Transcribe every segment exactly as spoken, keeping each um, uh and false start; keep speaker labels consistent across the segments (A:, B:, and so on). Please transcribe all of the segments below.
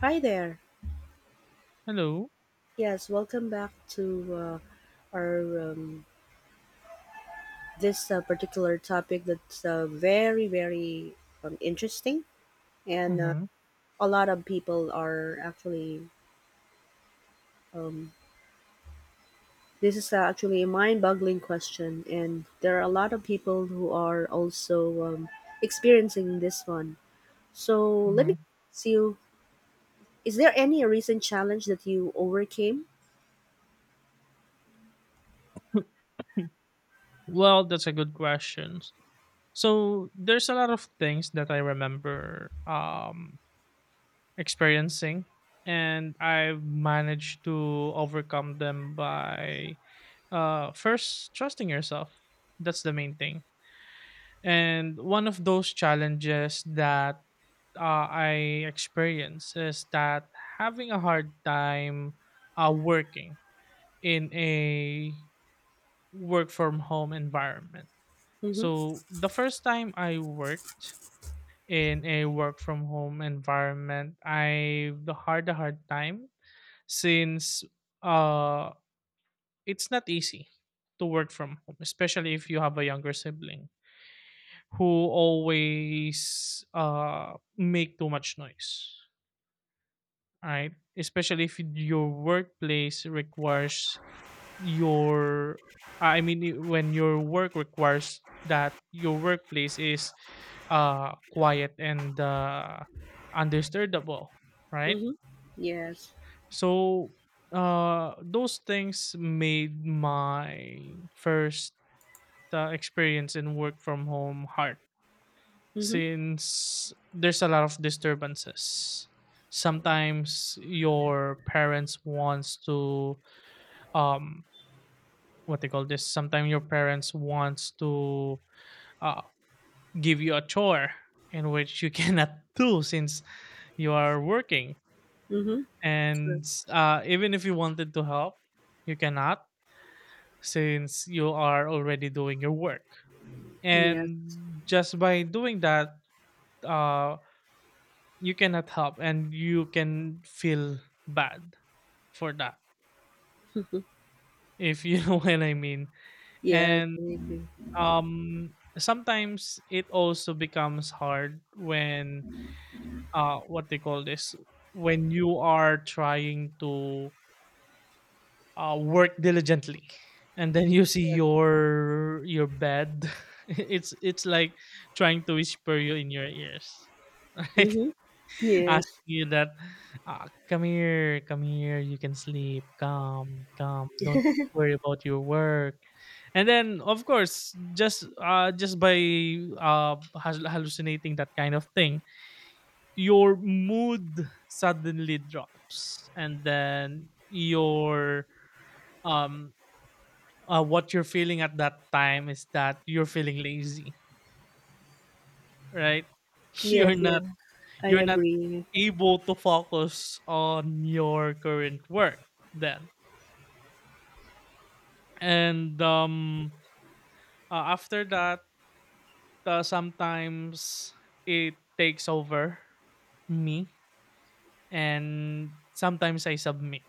A: Hi there.
B: Hello.
A: Yes, welcome back to uh, our um, this uh, particular topic that's uh, very very um, interesting, and uh,
B: Mm-hmm.
A: a lot of people are actually. Um, this is uh, actually a mind-boggling question, and there are a lot of people who are also um, experiencing this one. So let
B: hmm
A: me see you: Is there any recent challenge that you overcame?
B: Well, that's a good question. So there's a lot of things that I remember um, experiencing, and I've managed to overcome them by uh, first trusting yourself. That's the main thing. And one of those challenges that uh, I experience is that having a hard time uh, working in a work from home environment.
A: Mm-hmm.
B: So the first time I worked in a work from home environment, I the hard the hard time since uh it's not easy to work from home, especially if you have a younger sibling who always uh make too much noise. Right? Especially if your workplace requires your I mean I- when your work requires that your workplace is uh quiet and uh undisturbable, right?
A: Mm-hmm. Yes.
B: So uh those things made my first uh, experience in work from home hard
A: Mm-hmm.
B: since there's a lot of disturbances. Sometimes your parents wants to um what they call this sometimes your parents wants to uh, give you a chore in which you cannot do since you are working,
A: Mm-hmm.
B: and uh, even if you wanted to help, you cannot since you are already doing your work.
A: Yes.
B: And just by doing that, uh, you cannot help and you can feel bad for that,
A: Mm-hmm.
B: if you know what I mean.
A: Yes,
B: And
A: I agree.
B: um sometimes it also becomes hard when uh what they call this when you are trying to uh work diligently, and then you see
A: Yeah.
B: your your bed it's it's like trying to whisper you in your ears right?
A: Mm-hmm. Yes.
B: Asking you that, uh, "Come here, come here, you can sleep. Come, come, don't worry about your work." And then, of course, just uh, just by uh, hal- hallucinating that kind of thing, your mood suddenly drops, and then your um uh, what you're feeling at that time is that you're feeling lazy, right?
A: Yes,
B: You're not.
A: yeah. I
B: You're not
A: agree.
B: able to focus on your current work then. And um, uh, after that, uh, sometimes it takes over me, and sometimes I submit,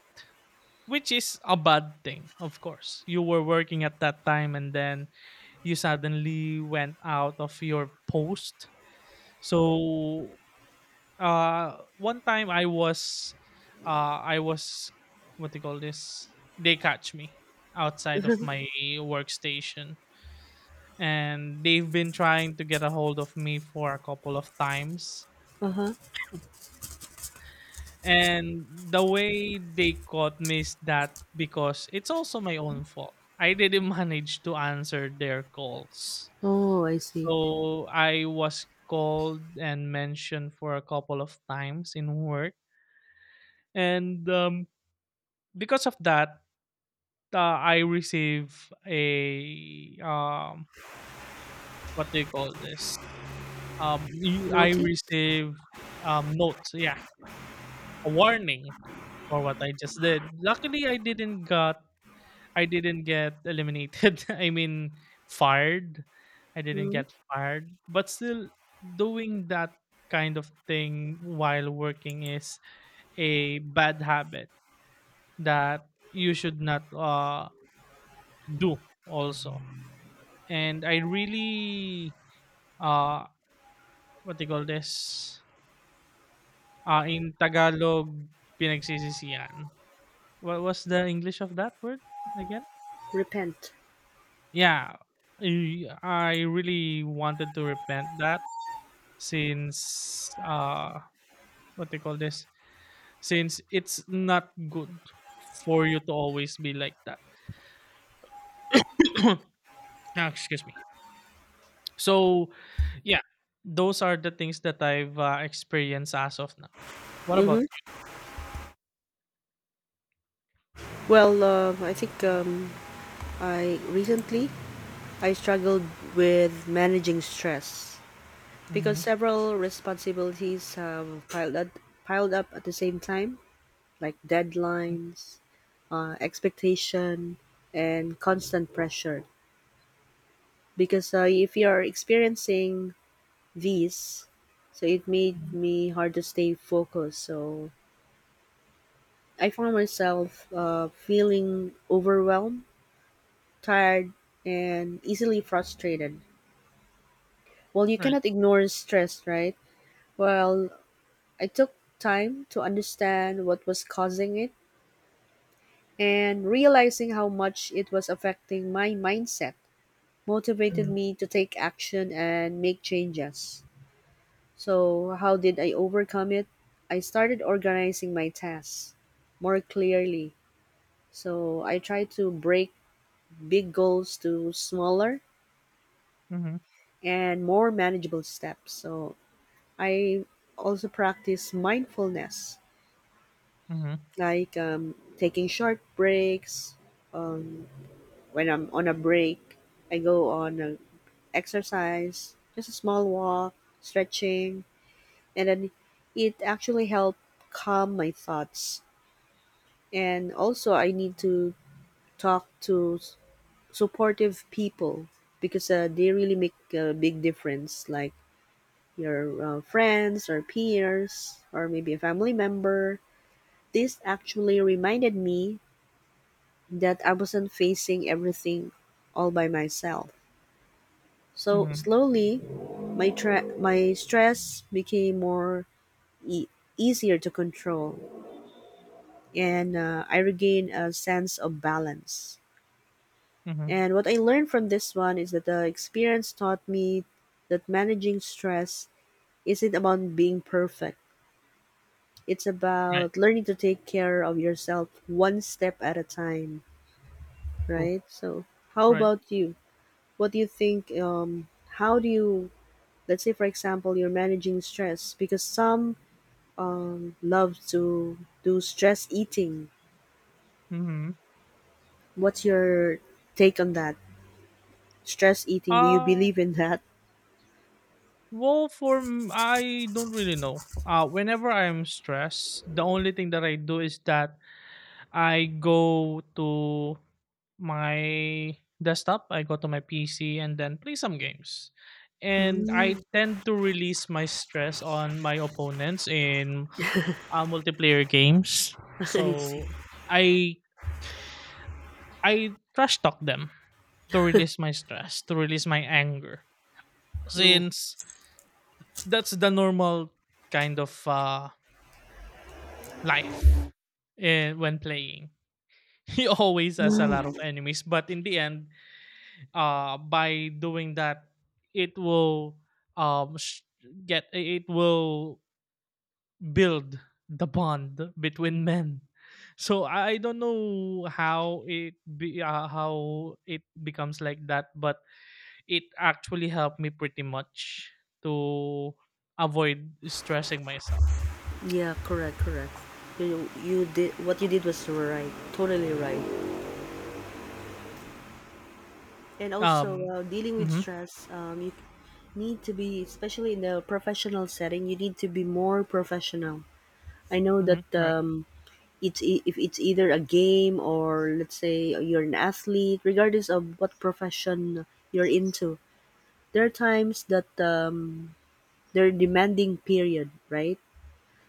B: which is a bad thing, of course. You were working at that time, and then you suddenly went out of your post. So uh one time I was uh I was what do you call this? They catch me outside of my workstation, and they've been trying to get a hold of me for a couple of times.
A: Uh-huh.
B: And the way they caught me is that because it's also my own fault. I didn't manage to answer their calls.
A: Oh, I see.
B: So I was called and mentioned for a couple of times in work. And um because of that, uh, I receive a um, what do you call this? Um, y- I
A: Naughty?
B: receive um notes, yeah, a warning for what I just did. Luckily, I didn't got I didn't get eliminated. I mean, fired. I didn't
A: Mm-hmm.
B: get fired, but still doing that kind of thing while working is a bad habit that you should not uh do also. And I really uh what they call this? Uh, in Tagalog, pinagsisisihan. What was the English of that word again?
A: Repent.
B: Yeah. I, I really wanted to repent that since uh what they call this? Since it's not good for you to always be like that. Ah, excuse me. So yeah, those are the things that I've uh, experienced as of now. What
A: Mm-hmm.
B: about
A: Well, uh, I think um, I recently I struggled with managing stress because
B: you?
A: several responsibilities have piled up, piled up at the same time, like deadlines, uh, expectation and constant pressure because uh, if you are experiencing V's. So it made
B: Mm-hmm.
A: me hard to stay focused. So I found myself uh, feeling overwhelmed, tired, and easily frustrated. Well, you cannot ignore stress, right? Well, I took time to understand what was causing it and realizing how much it was affecting my mindset motivated
B: Mhm,
A: me to take action and make changes. So, how did I overcome it? I started organizing my tasks more clearly. So, I tried to break big goals to smaller
B: mhm,
A: and more manageable steps. So, I also practice mindfulness,
B: mhm,
A: like um, taking short breaks. Um, when I'm on a break, I go on an exercise, just a small walk, stretching, and then it actually helped calm my thoughts. And also I need to talk to s- supportive people because uh, they really make a big difference, like your uh, friends or peers or maybe a family member. This actually reminded me that I wasn't facing everything all by myself. So
B: mhm,
A: slowly, my tra- my stress became more e- easier to control, and uh, I regained a sense of balance.
B: mhm.
A: And what I learned from this one is that the experience taught me that managing stress isn't about being perfect. It's
B: Right,
A: about learning to take care of yourself one step at a time,
B: cool,
A: right? So, how
B: right.
A: about you? What do you think? Um, how do you, let's say, for example, you're managing stress because some um, love to do stress eating.
B: Mhm.
A: What's your take on that? Stress eating, do you
B: Uh,
A: believe in that?
B: well, for m I don't really know. Uh, whenever I'm stressed, the only thing that I do is that I go to my desktop, I go to my P C, and then play some games. And
A: Mm.
B: I tend to release my stress on my opponents in uh, multiplayer games.
A: I see.
B: So I I trash talk them to release my stress, to release my anger.
A: No.
B: Since that's the normal kind of uh, life eh, when playing. He always has a lot of
A: Mm.
B: enemies, but in the end, uh, by doing that, it will um, sh- get it will build the bond between men. So I I don't know how it be uh, how it becomes like that, but it actually helped me pretty much to avoid stressing myself.
A: Yeah, correct, correct. You you did what you did was right, totally right. And also,
B: Um.
A: uh, dealing with
B: Mm-hmm.
A: stress, um, you need to be, especially in the professional setting, you need to be more professional. I know
B: Mm-hmm.
A: that
B: All right.
A: um, it's e- if it's either a game or let's say you're an athlete, regardless of what profession you're into, there are times that um, they're demanding period, right?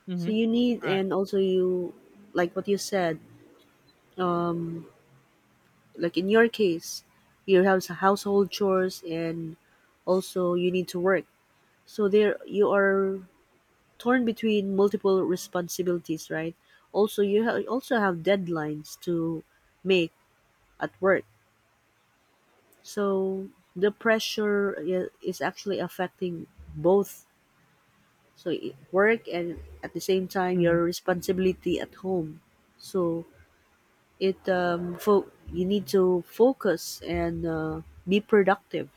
B: Mm-hmm.
A: So you need,
B: All right.
A: and also you, like what you said, um, like in your case, you have some household chores and also you need to work. So there you are torn between multiple responsibilities, right? Also you ha- also have deadlines to make at work. So the pressure i- is actually affecting both. So i- work and at the same time
B: Mm-hmm.
A: your responsibility at home. So it um fo- you need to focus and uh, be productive,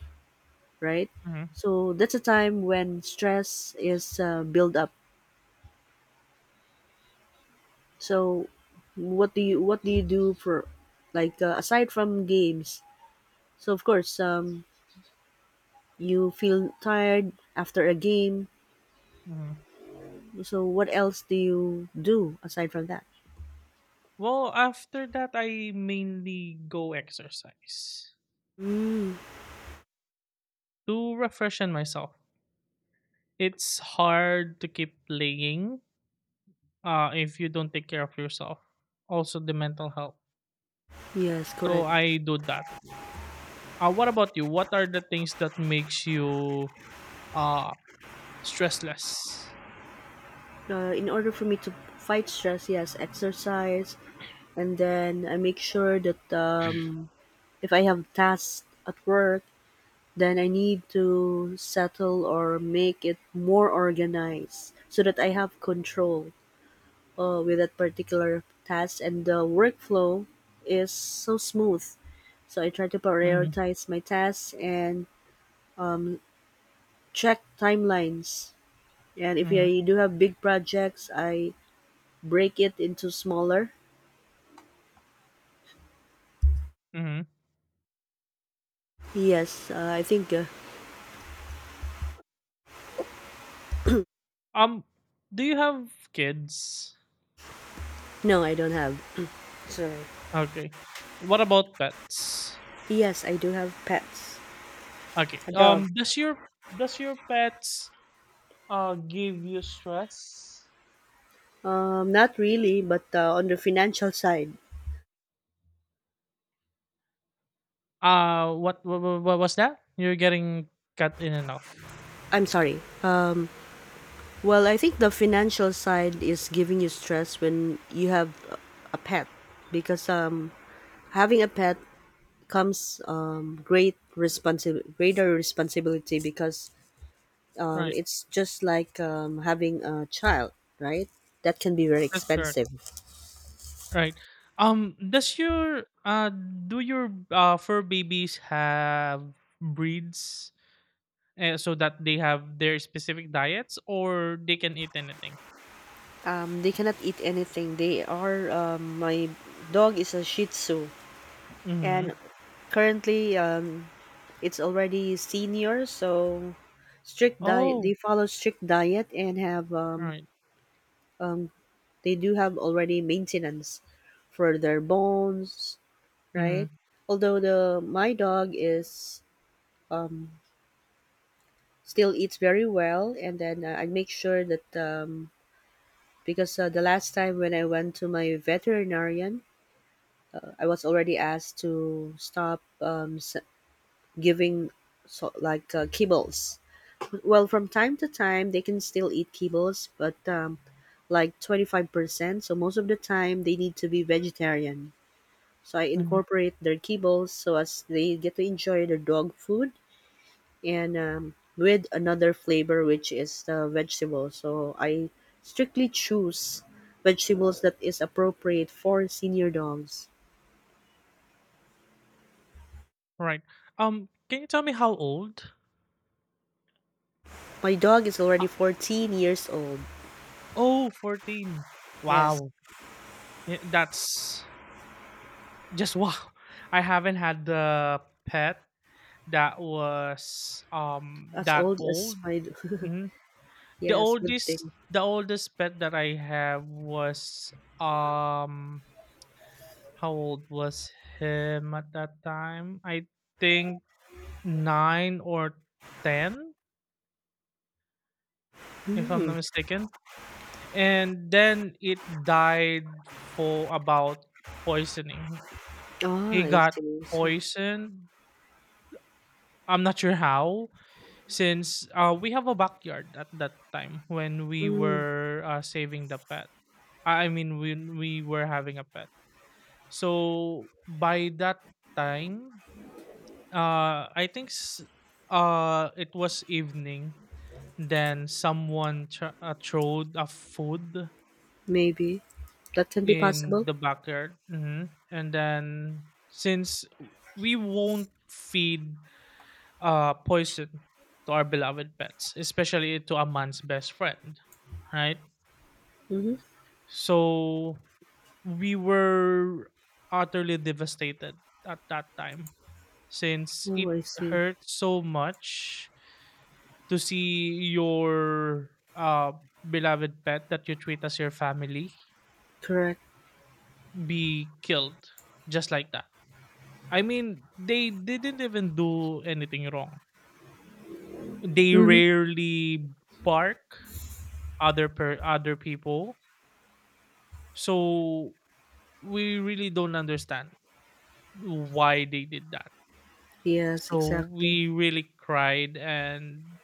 A: right?
B: Mm-hmm.
A: So that's a time when stress is uh, build up. So what do you what do you do for like uh, aside from games? So of course, um, you feel tired after a game.
B: Mm-hmm.
A: So what else do you do aside from that?
B: Well, after that, I mainly go exercise
A: Mm,
B: to refreshen myself. It's hard to keep playing uh, if you don't take care of yourself. Also, the mental health.
A: yes,
B: So
A: correct.
B: I do that. Uh, what about you? What are the things that makes you uh, stressless?
A: Uh, in order for me to fight stress, yes, exercise, and then I make sure that um, if I have tasks at work, then I need to settle or make it more organized so that I have control uh, with that particular task and the workflow is so smooth. So I try to
B: Mhm,
A: prioritize my tasks and check timelines. And if
B: mhm,
A: I do have big projects, I break it into smaller.
B: mhm.
A: Yes, uh, I think uh,
B: Um, do you have kids?
A: no, I don't have. Sorry.
B: Okay. What about pets?
A: Yes, I do have pets.
B: Okay.
A: A dog.
B: Um, does your does your pets uh give you stress?
A: Um, not really, but uh, on the financial side,
B: Uh, what what, what was that? You're getting cut in and off.
A: I'm sorry. Uh, Well, I think the financial side is giving you stress when you have a a pet because um having a pet comes um great responsi- greater responsibility because um
B: Right.
A: it's just like um having a child, right? That can be very
B: That's correct.
A: expensive.
B: Right. Um, does your uh do your uh fur babies have breeds uh, so that they have their specific diets or they can eat anything?
A: Um they cannot eat anything. They are um My dog is a shih tzu,
B: Mhm.
A: and currently um it's already senior, so strict diet they
B: Oh,
A: follow strict diet and have um,
B: right.
A: um they do have already maintenance for their bones, right.
B: Mhm,
A: Although the my dog is um still eats very well, and then uh, I make sure that um because uh, the last time when I went to my veterinarian, uh, I was already asked to stop um s- giving, so like uh, kibbles. Well, from time to time, they can still eat kibbles, but um, like twenty-five percent. So most of the time, they need to be vegetarian. So I
B: mhm,
A: incorporate their kibbles so as they get to enjoy their dog food and um, with another flavor, which is the vegetable. So I strictly choose vegetables that is appropriate for senior dogs.
B: right. Um, can you tell me how old?
A: My dog is already
B: Ho
A: fourteen years old.
B: oh, fourteen.
A: Yes,
B: Wow. Eh, that's just wow. I haven't had the pet that was, um,
A: as
B: that
A: old as
B: old.
A: my
B: Mhm. The
A: yes, good
B: oldest
A: thing.
B: the oldest pet that I have was, um how old was him at that time? I think nine or ten, if I'm
A: Hmm.
B: not mistaken. And then it died for about poisoning.
A: Ah,
B: He
A: I
B: got
A: see. So,
B: poisoned. I'm not sure how, since uh, we have a backyard at that time when we
A: mm,
B: were uh, saving the pet. I I mean, when we were having a pet. So by that time, uh, I think s- uh, it was evening. Then someone tr- uh, throwed a food
A: maybe that can be
B: in
A: possible.
B: the backyard. Mhm. And then since we won't feed uh poison to our beloved pets, especially to a man's best friend, right?
A: Hmm.
B: So we were utterly devastated at that time since
A: Oh,
B: it
A: I see.
B: hurt so much to see your uh beloved pet that you treat as your family
A: Correct.
B: be killed just like that. I mean, they didn't even do anything wrong. They
A: Hmm.
B: rarely bark other per other people. So we really don't understand why they did that.
A: Yes,
B: So
A: exactly.
B: we really cried, and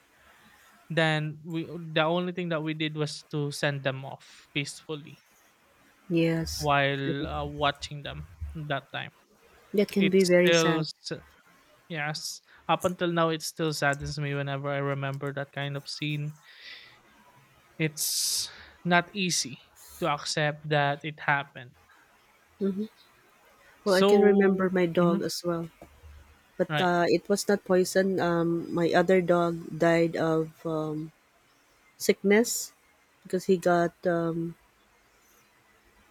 B: then we the only thing that we did was to send them off peacefully
A: Yes,
B: while uh, watching them that time.
A: that can be
B: It's
A: very
B: still
A: sad.
B: s- yes, up until now it still saddens me whenever I remember that kind of scene. It's not easy to accept that it happened.
A: Hmm. Well, I can
B: So
A: remember my dog
B: mhm,
A: as well, but
B: right.
A: uh, it was not poison. Um, my other dog died of um, sickness because he got. Um,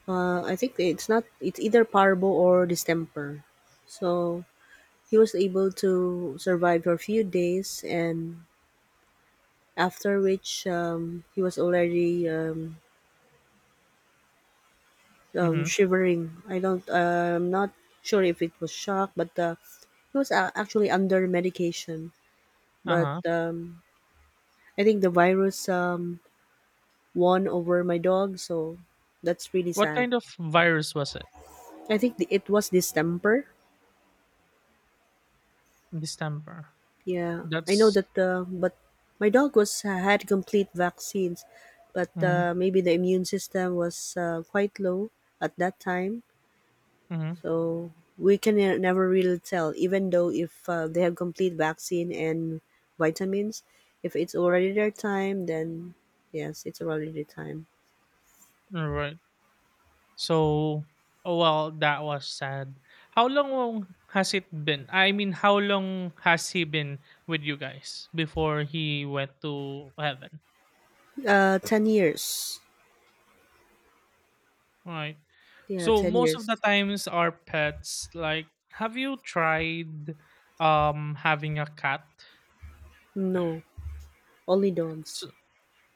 A: uh, I think it's not. It's either parvo or distemper. So he was able to survive for a few days, and after which um, he was already um, um,
B: Mhm.
A: shivering. I don't, uh, I'm not sure if it was shock, but uh, he was uh, actually under medication. But
B: Uh-huh.
A: um, I think the virus um, won over my dog, so that's really
B: What
A: sad.
B: kind of virus was it?
A: I think the, it was distemper.
B: Distemper.
A: Yeah, I know
B: That's
A: that. Uh, but my dog was uh, had complete vaccines, but
B: mhm,
A: uh, maybe the immune system was uh, quite low at that time.
B: mhm,
A: So we can ne- never really tell, even though if uh, they have complete vaccine and vitamins, if it's already their time, then yes, it's already their time.
B: right. So oh, well, that was sad. How long has it been? I mean, how long has he been with you guys before he went to heaven?
A: Uh, ten years.
B: Right.
A: Yeah,
B: So
A: ten
B: most of
A: years.
B: the times our pets like have you tried um having a cat?
A: No, only dogs.
B: So,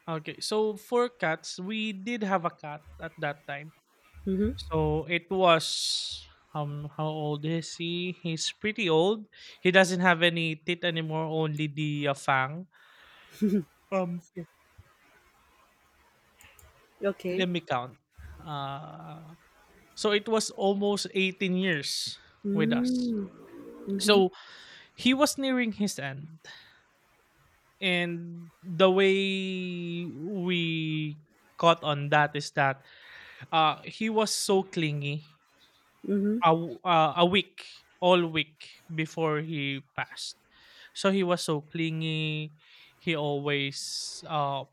B: okay, so for cats, we did have a cat at that time.
A: Mm-hmm.
B: So it was um how old is he? He's pretty old. He doesn't have any teeth anymore, only the uh, fang. Um
A: Okay.
B: let me count. Uh so it was almost eighteen years with us.
A: Mm-hmm. Mm-hmm.
B: So he was nearing his end. And the way we caught on that is that uh he was so clingy. A, w- uh, a week all week before he passed. So he was so clingy. He always uh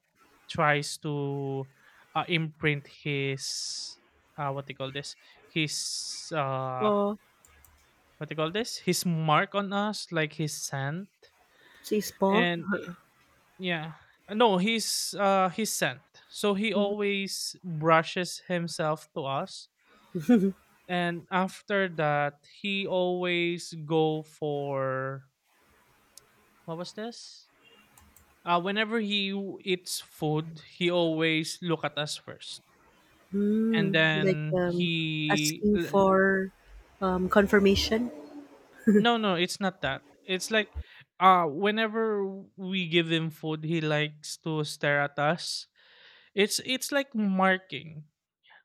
B: tries to uh, imprint his uh what do you call this his uh
A: Oh,
B: what do you call this, his mark on us, like his scent.
A: she's paw.
B: And yeah. No, he's uh he's sent. So he always brushes himself to us. And after that, he always go for what was this? Uh, whenever he eats food, he always look at us first. And
A: Mm, like
B: then
A: um,
B: he
A: asking
B: l-
A: for um, confirmation.
B: No, no, it's not that. It's like uh whenever we give him food, he likes to stare at us. It's it's like marking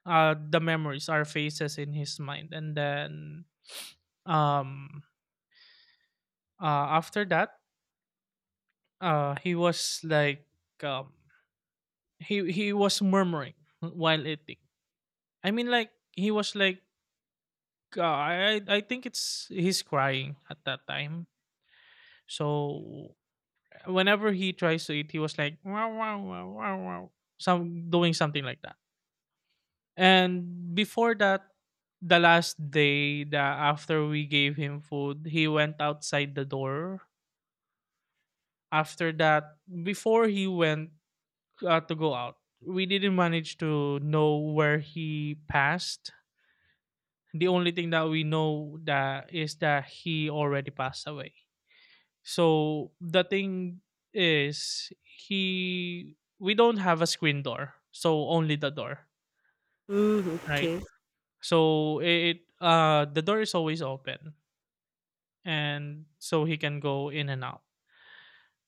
B: uh the memories our faces in his mind. And then um uh after that, uh he was like um he he was murmuring while eating. I mean, like he was like, uh, i i I think it's he's crying at that time. So whenever he tries to eat, he was like wow wow wow wow wow, some doing something like that. And before that, the last day that after we gave him food, he went outside the door. After that, before he went uh, to go out, we didn't manage to know where he passed. The only thing that we know that is that he already passed away. So the thing is, he we don't have a screen door, so only the door,
A: Mm,
B: right?
A: okay.
B: So it uh the door is always open, and so he can go in and out.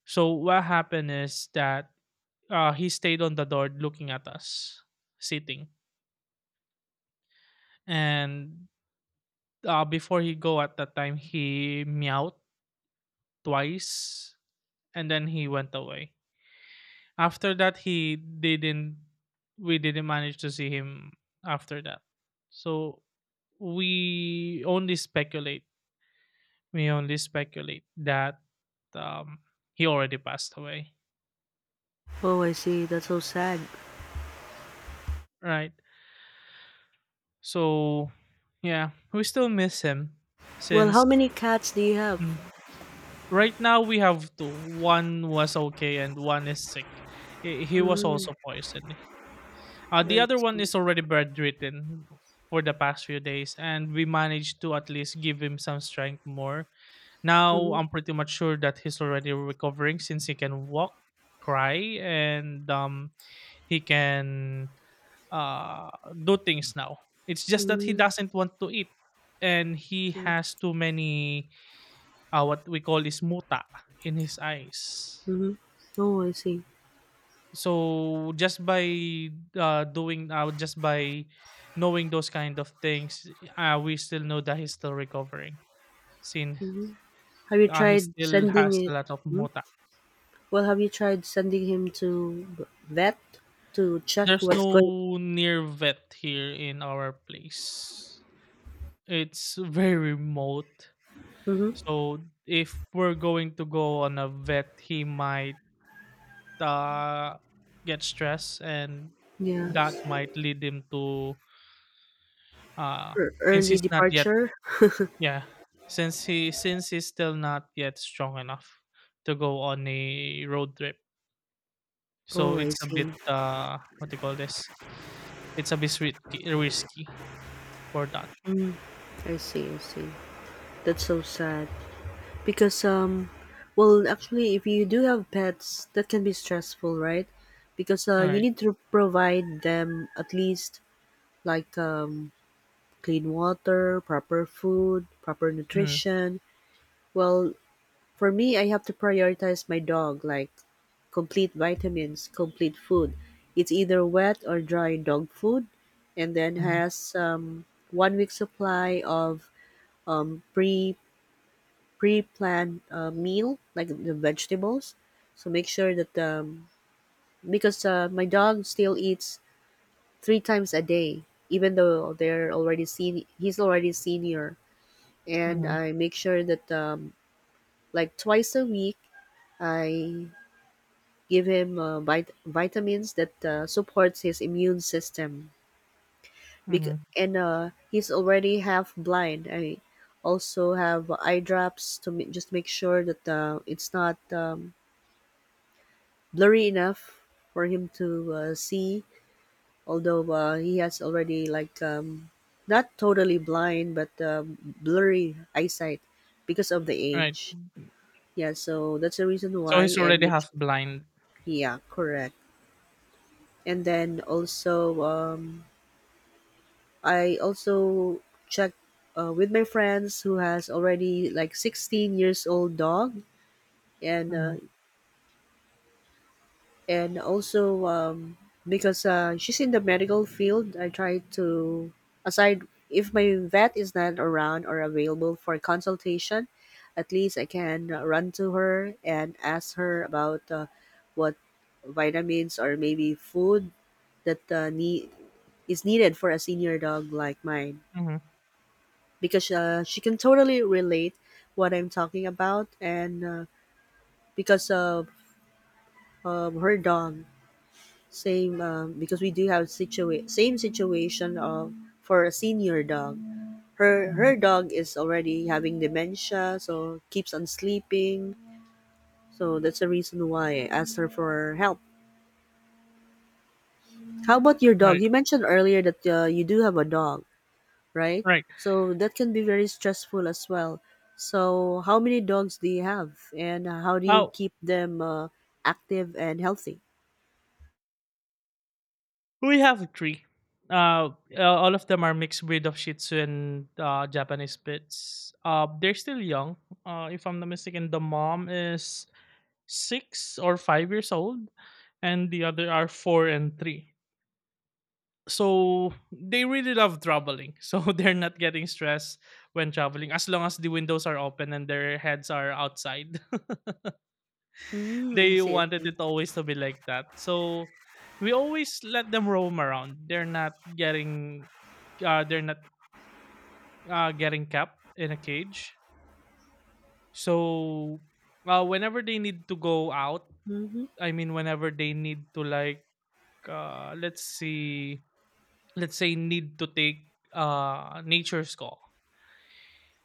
B: So what happened is that uh, he stayed on the door looking at us sitting, and uh, before he go at that time he meowed twice, and then he went away. After that, he didn't. We didn't manage to see him after that. So we only speculate. We only speculate that um, he already passed away,
A: Oh, I see. That's so sad.
B: right? So, yeah, we still miss him
A: Well, how
B: since
A: many cats do you have?
B: mm, right now we have two. One was okay and one is sick. He he was
A: Mm,
B: also poisoned. Uh, the
A: I
B: other one
A: see.
B: is already bedridden for the past few days, and we managed to at least give him some strength more. Now
A: Mm-hmm.
B: I'm pretty much sure that he's already recovering since he can walk, cry, and um he can uh, do things now. It's just that he
A: Mm,
B: doesn't want to eat, and he
A: okay.
B: has too many uh, what we call is muta in his eyes.
A: Mm-hmm. Oh, I see.
B: So just by uh, doing uh, just by knowing those kind of things, uh, we still know that he's still recovering. Since
A: Have you
B: uh, He
A: tried
B: still has
A: sending
B: a
A: it?
B: lot of
A: Mm?
B: muta.
A: Well, have you tried sending him to v- vet to check
B: There's
A: what's going?
B: no near vet here in our place. It's very remote.
A: Mm-hmm.
B: So if we're going to go on a vet, he might uh, get stressed, and
A: Yeah.
B: that might lead him to uh,
A: Ear-
B: since
A: Early
B: he's not yet
A: departure.
B: yeah since he since he's still not yet strong enough to go on a road trip. So
A: Oh, I
B: it's a
A: see.
B: bit, uh what do you call this? It's a bit risky, risky for that.
A: I see. I see. That's so sad. Because um well actually if you do have pets, that can be stressful, right? Because uh,
B: All
A: you
B: right.
A: need to provide them at least like um clean water, proper food, proper
B: Mm-hmm.
A: nutrition. Well, for me I have to prioritize my dog like complete vitamins, complete food. It's either wet or dry dog food and then
B: Mm-hmm.
A: has um, one week supply of um, pre pre-planned uh, meal, like the vegetables. So make sure that um, because uh, my dog still eats three times a day, even though they're already seen. He's already senior, and I make sure that um, like twice a week I give him uh, vit- vitamins that uh, supports his immune system. Bec-
B: Mm-hmm.
A: and uh, He's already half blind. I also have eye drops to ma- just make sure that uh, it's not um, blurry enough for him to uh, see, although uh, he has already like um, not totally blind but um, blurry eyesight because of the
B: All right.
A: age, yeah, so that's the reason
B: So
A: why,
B: he's
A: and
B: already
A: make
B: half
A: sure,
B: blind.
A: yeah, correct. And then also um, I also checked uh, with my friends who has already like sixteen years old dog, and uh,
B: Mm-hmm.
A: and also um, because uh, she's in the medical field. I try to aside, if my vet is not around or available for consultation, at least I can uh, run to her and ask her about uh, what vitamins or maybe food that uh, need is needed for a senior dog like mine,
B: Mm-hmm.
A: because uh, she can totally relate what I'm talking about, and uh, because of um, her dog. Same, um, because we do have situa- same situation of for a senior dog. Her
B: Mm-hmm,
A: her dog is already having dementia, so keeps on sleeping. So that's the reason why I asked her for help. How about your dog?
B: right.
A: You mentioned earlier that uh, you do have a dog, right?
B: Right.
A: So that can be very stressful as well. So how many dogs do you have, and how do you
B: Uh,
A: keep them uh, active and healthy?
B: we have three. Uh, uh, all of them are mixed breed of Shih Tzu and uh, Japanese Spitz. Uh, they're still young. Uh, if I'm not mistaken, the mom is six or five years old, and the other are four and three. So they really love traveling. So they're not getting stressed when traveling, as long as the windows are open and their heads are outside.
A: Mm, I
B: They
A: see, I
B: wanted
A: see.
B: it always to be like that. So we always let them roam around. They're not getting uh they're not uh getting kept in a cage. So uh whenever they need to go out,
A: Mm-hmm.
B: I mean whenever they need to, like, uh let's see let's say need to take uh nature's call.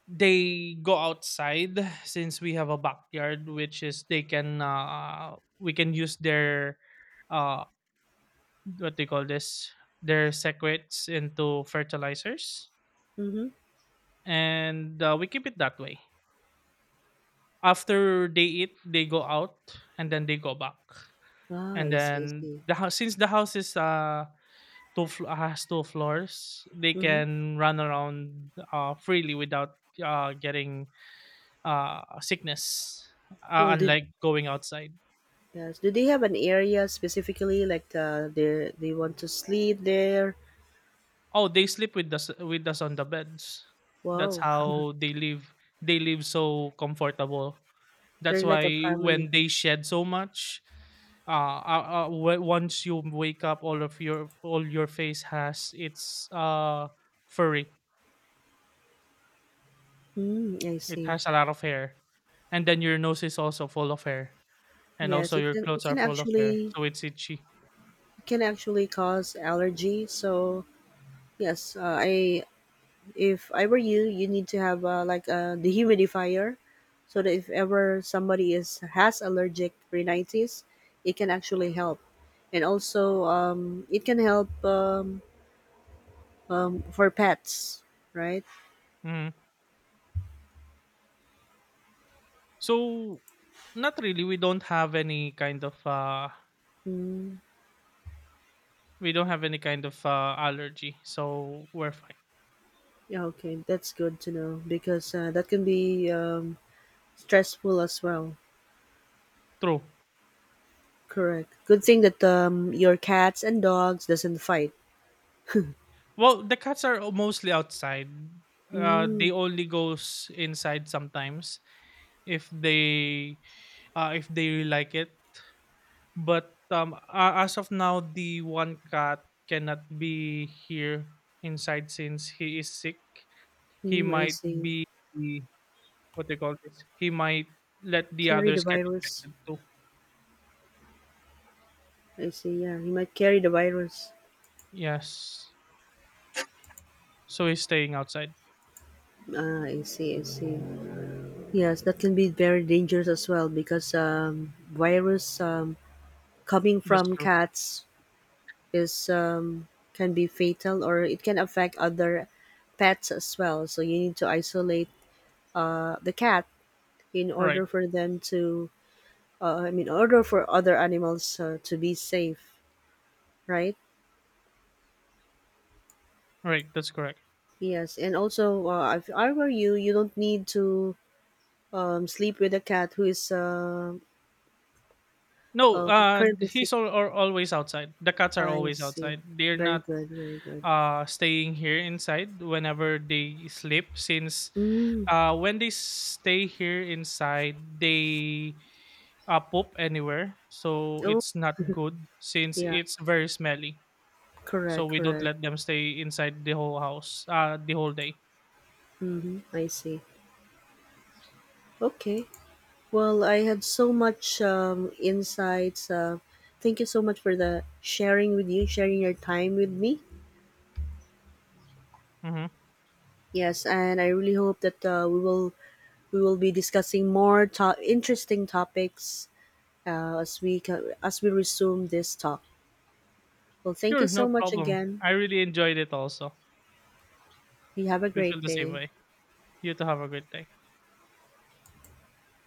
B: They go outside since we have a backyard, which is they can, uh we can use their uh, what they call this, their secrets into fertilizers,
A: Mm-hmm.
B: and uh, we keep it that way. After they eat they go out and then they go back,
A: Ah,
B: and
A: I see, I
B: then
A: see.
B: the house, since the house is uh two fl- has two floors, they
A: Mm-hmm.
B: can run around uh freely without uh getting uh sickness, uh,
A: Well, did
B: unlike going outside.
A: yes, do they have an area specifically like uh, they they want to sleep there?
B: Oh, they sleep with us with us on the beds. That's
A: Wow,
B: how they live. They live so comfortable.
A: they're
B: That's
A: like a
B: why
A: family.
B: when they shed so much, uh, uh, uh w- once you wake up, all of your all your face has, it's uh furry.
A: Mm, I
B: It
A: see.
B: has a lot of hair, and then your nose is also full of hair, and
A: Yes,
B: also
A: it
B: your
A: can it
B: clothes are
A: can
B: full of hair,
A: actually
B: so it's itchy.
A: it can actually cause allergy. So yes, uh, I if I were you, you need to have uh, like a dehumidifier, so that if ever somebody is has allergic rhinitis, it can actually help, and also um, it can help um, um, for pets, right?
B: Mhm. So not really. We don't have any kind of uh
A: Mm,
B: we don't have any kind of uh allergy, so we're fine.
A: yeah, okay, that's good to know because uh, that can be um, stressful as well.
B: True.
A: Correct. Good thing that um, your cats and dogs doesn't fight.
B: Well, the cats are mostly outside. Uh,
A: Mm,
B: they only goes inside sometimes if they, uh, if they really like it. But um, a as of now, the one cat cannot be here inside since he is sick. He
A: mm, I
B: might
A: see.
B: be, what they call this, he might let the
A: Carry the
B: others get
A: virus.
B: infected too.
A: I see. Yeah, he might carry the virus.
B: Yes, so he's staying outside.
A: Ah, I see. I see. Yes, that can be very dangerous as well because um, virus um, coming
B: That's
A: from
B: true.
A: cats is um, can be fatal or it can affect other pets as well. So you need to isolate uh, the cat in
B: Right,
A: order for them to uh, I mean, in order for other animals uh, to be safe, right.
B: right. That's correct.
A: Yes, and also, uh, if I were you, you don't need to um, sleep with a cat who is uh,
B: No,
A: uh,
B: uh,
A: currently sick.
B: he's all or always outside. The cats are
A: I
B: always
A: see.
B: outside. They're
A: Very
B: not
A: good, very good.
B: uh staying here inside whenever they sleep. Since
A: Mm.
B: uh when they stay here inside, they, uh, poop anywhere, so
A: Oh,
B: it's not good since
A: yeah,
B: it's very smelly. So
A: correct,
B: we don't
A: correct.
B: let them stay inside the whole house, uh the whole day.
A: Mm-hmm. I see. Okay. Well, I had so much um, insights, uh, thank you so much for the sharing with you sharing your time with me.
B: Hmm.
A: Yes, and I really hope that uh, we will we will be discussing more to- interesting topics, uh, as we co- as we resume this talk. Well, thank you
B: Sure, no
A: so much
B: problem.
A: again.
B: I really enjoyed it also.
A: You have a
B: We feel
A: great
B: the same
A: day.
B: way. You too, have a great day.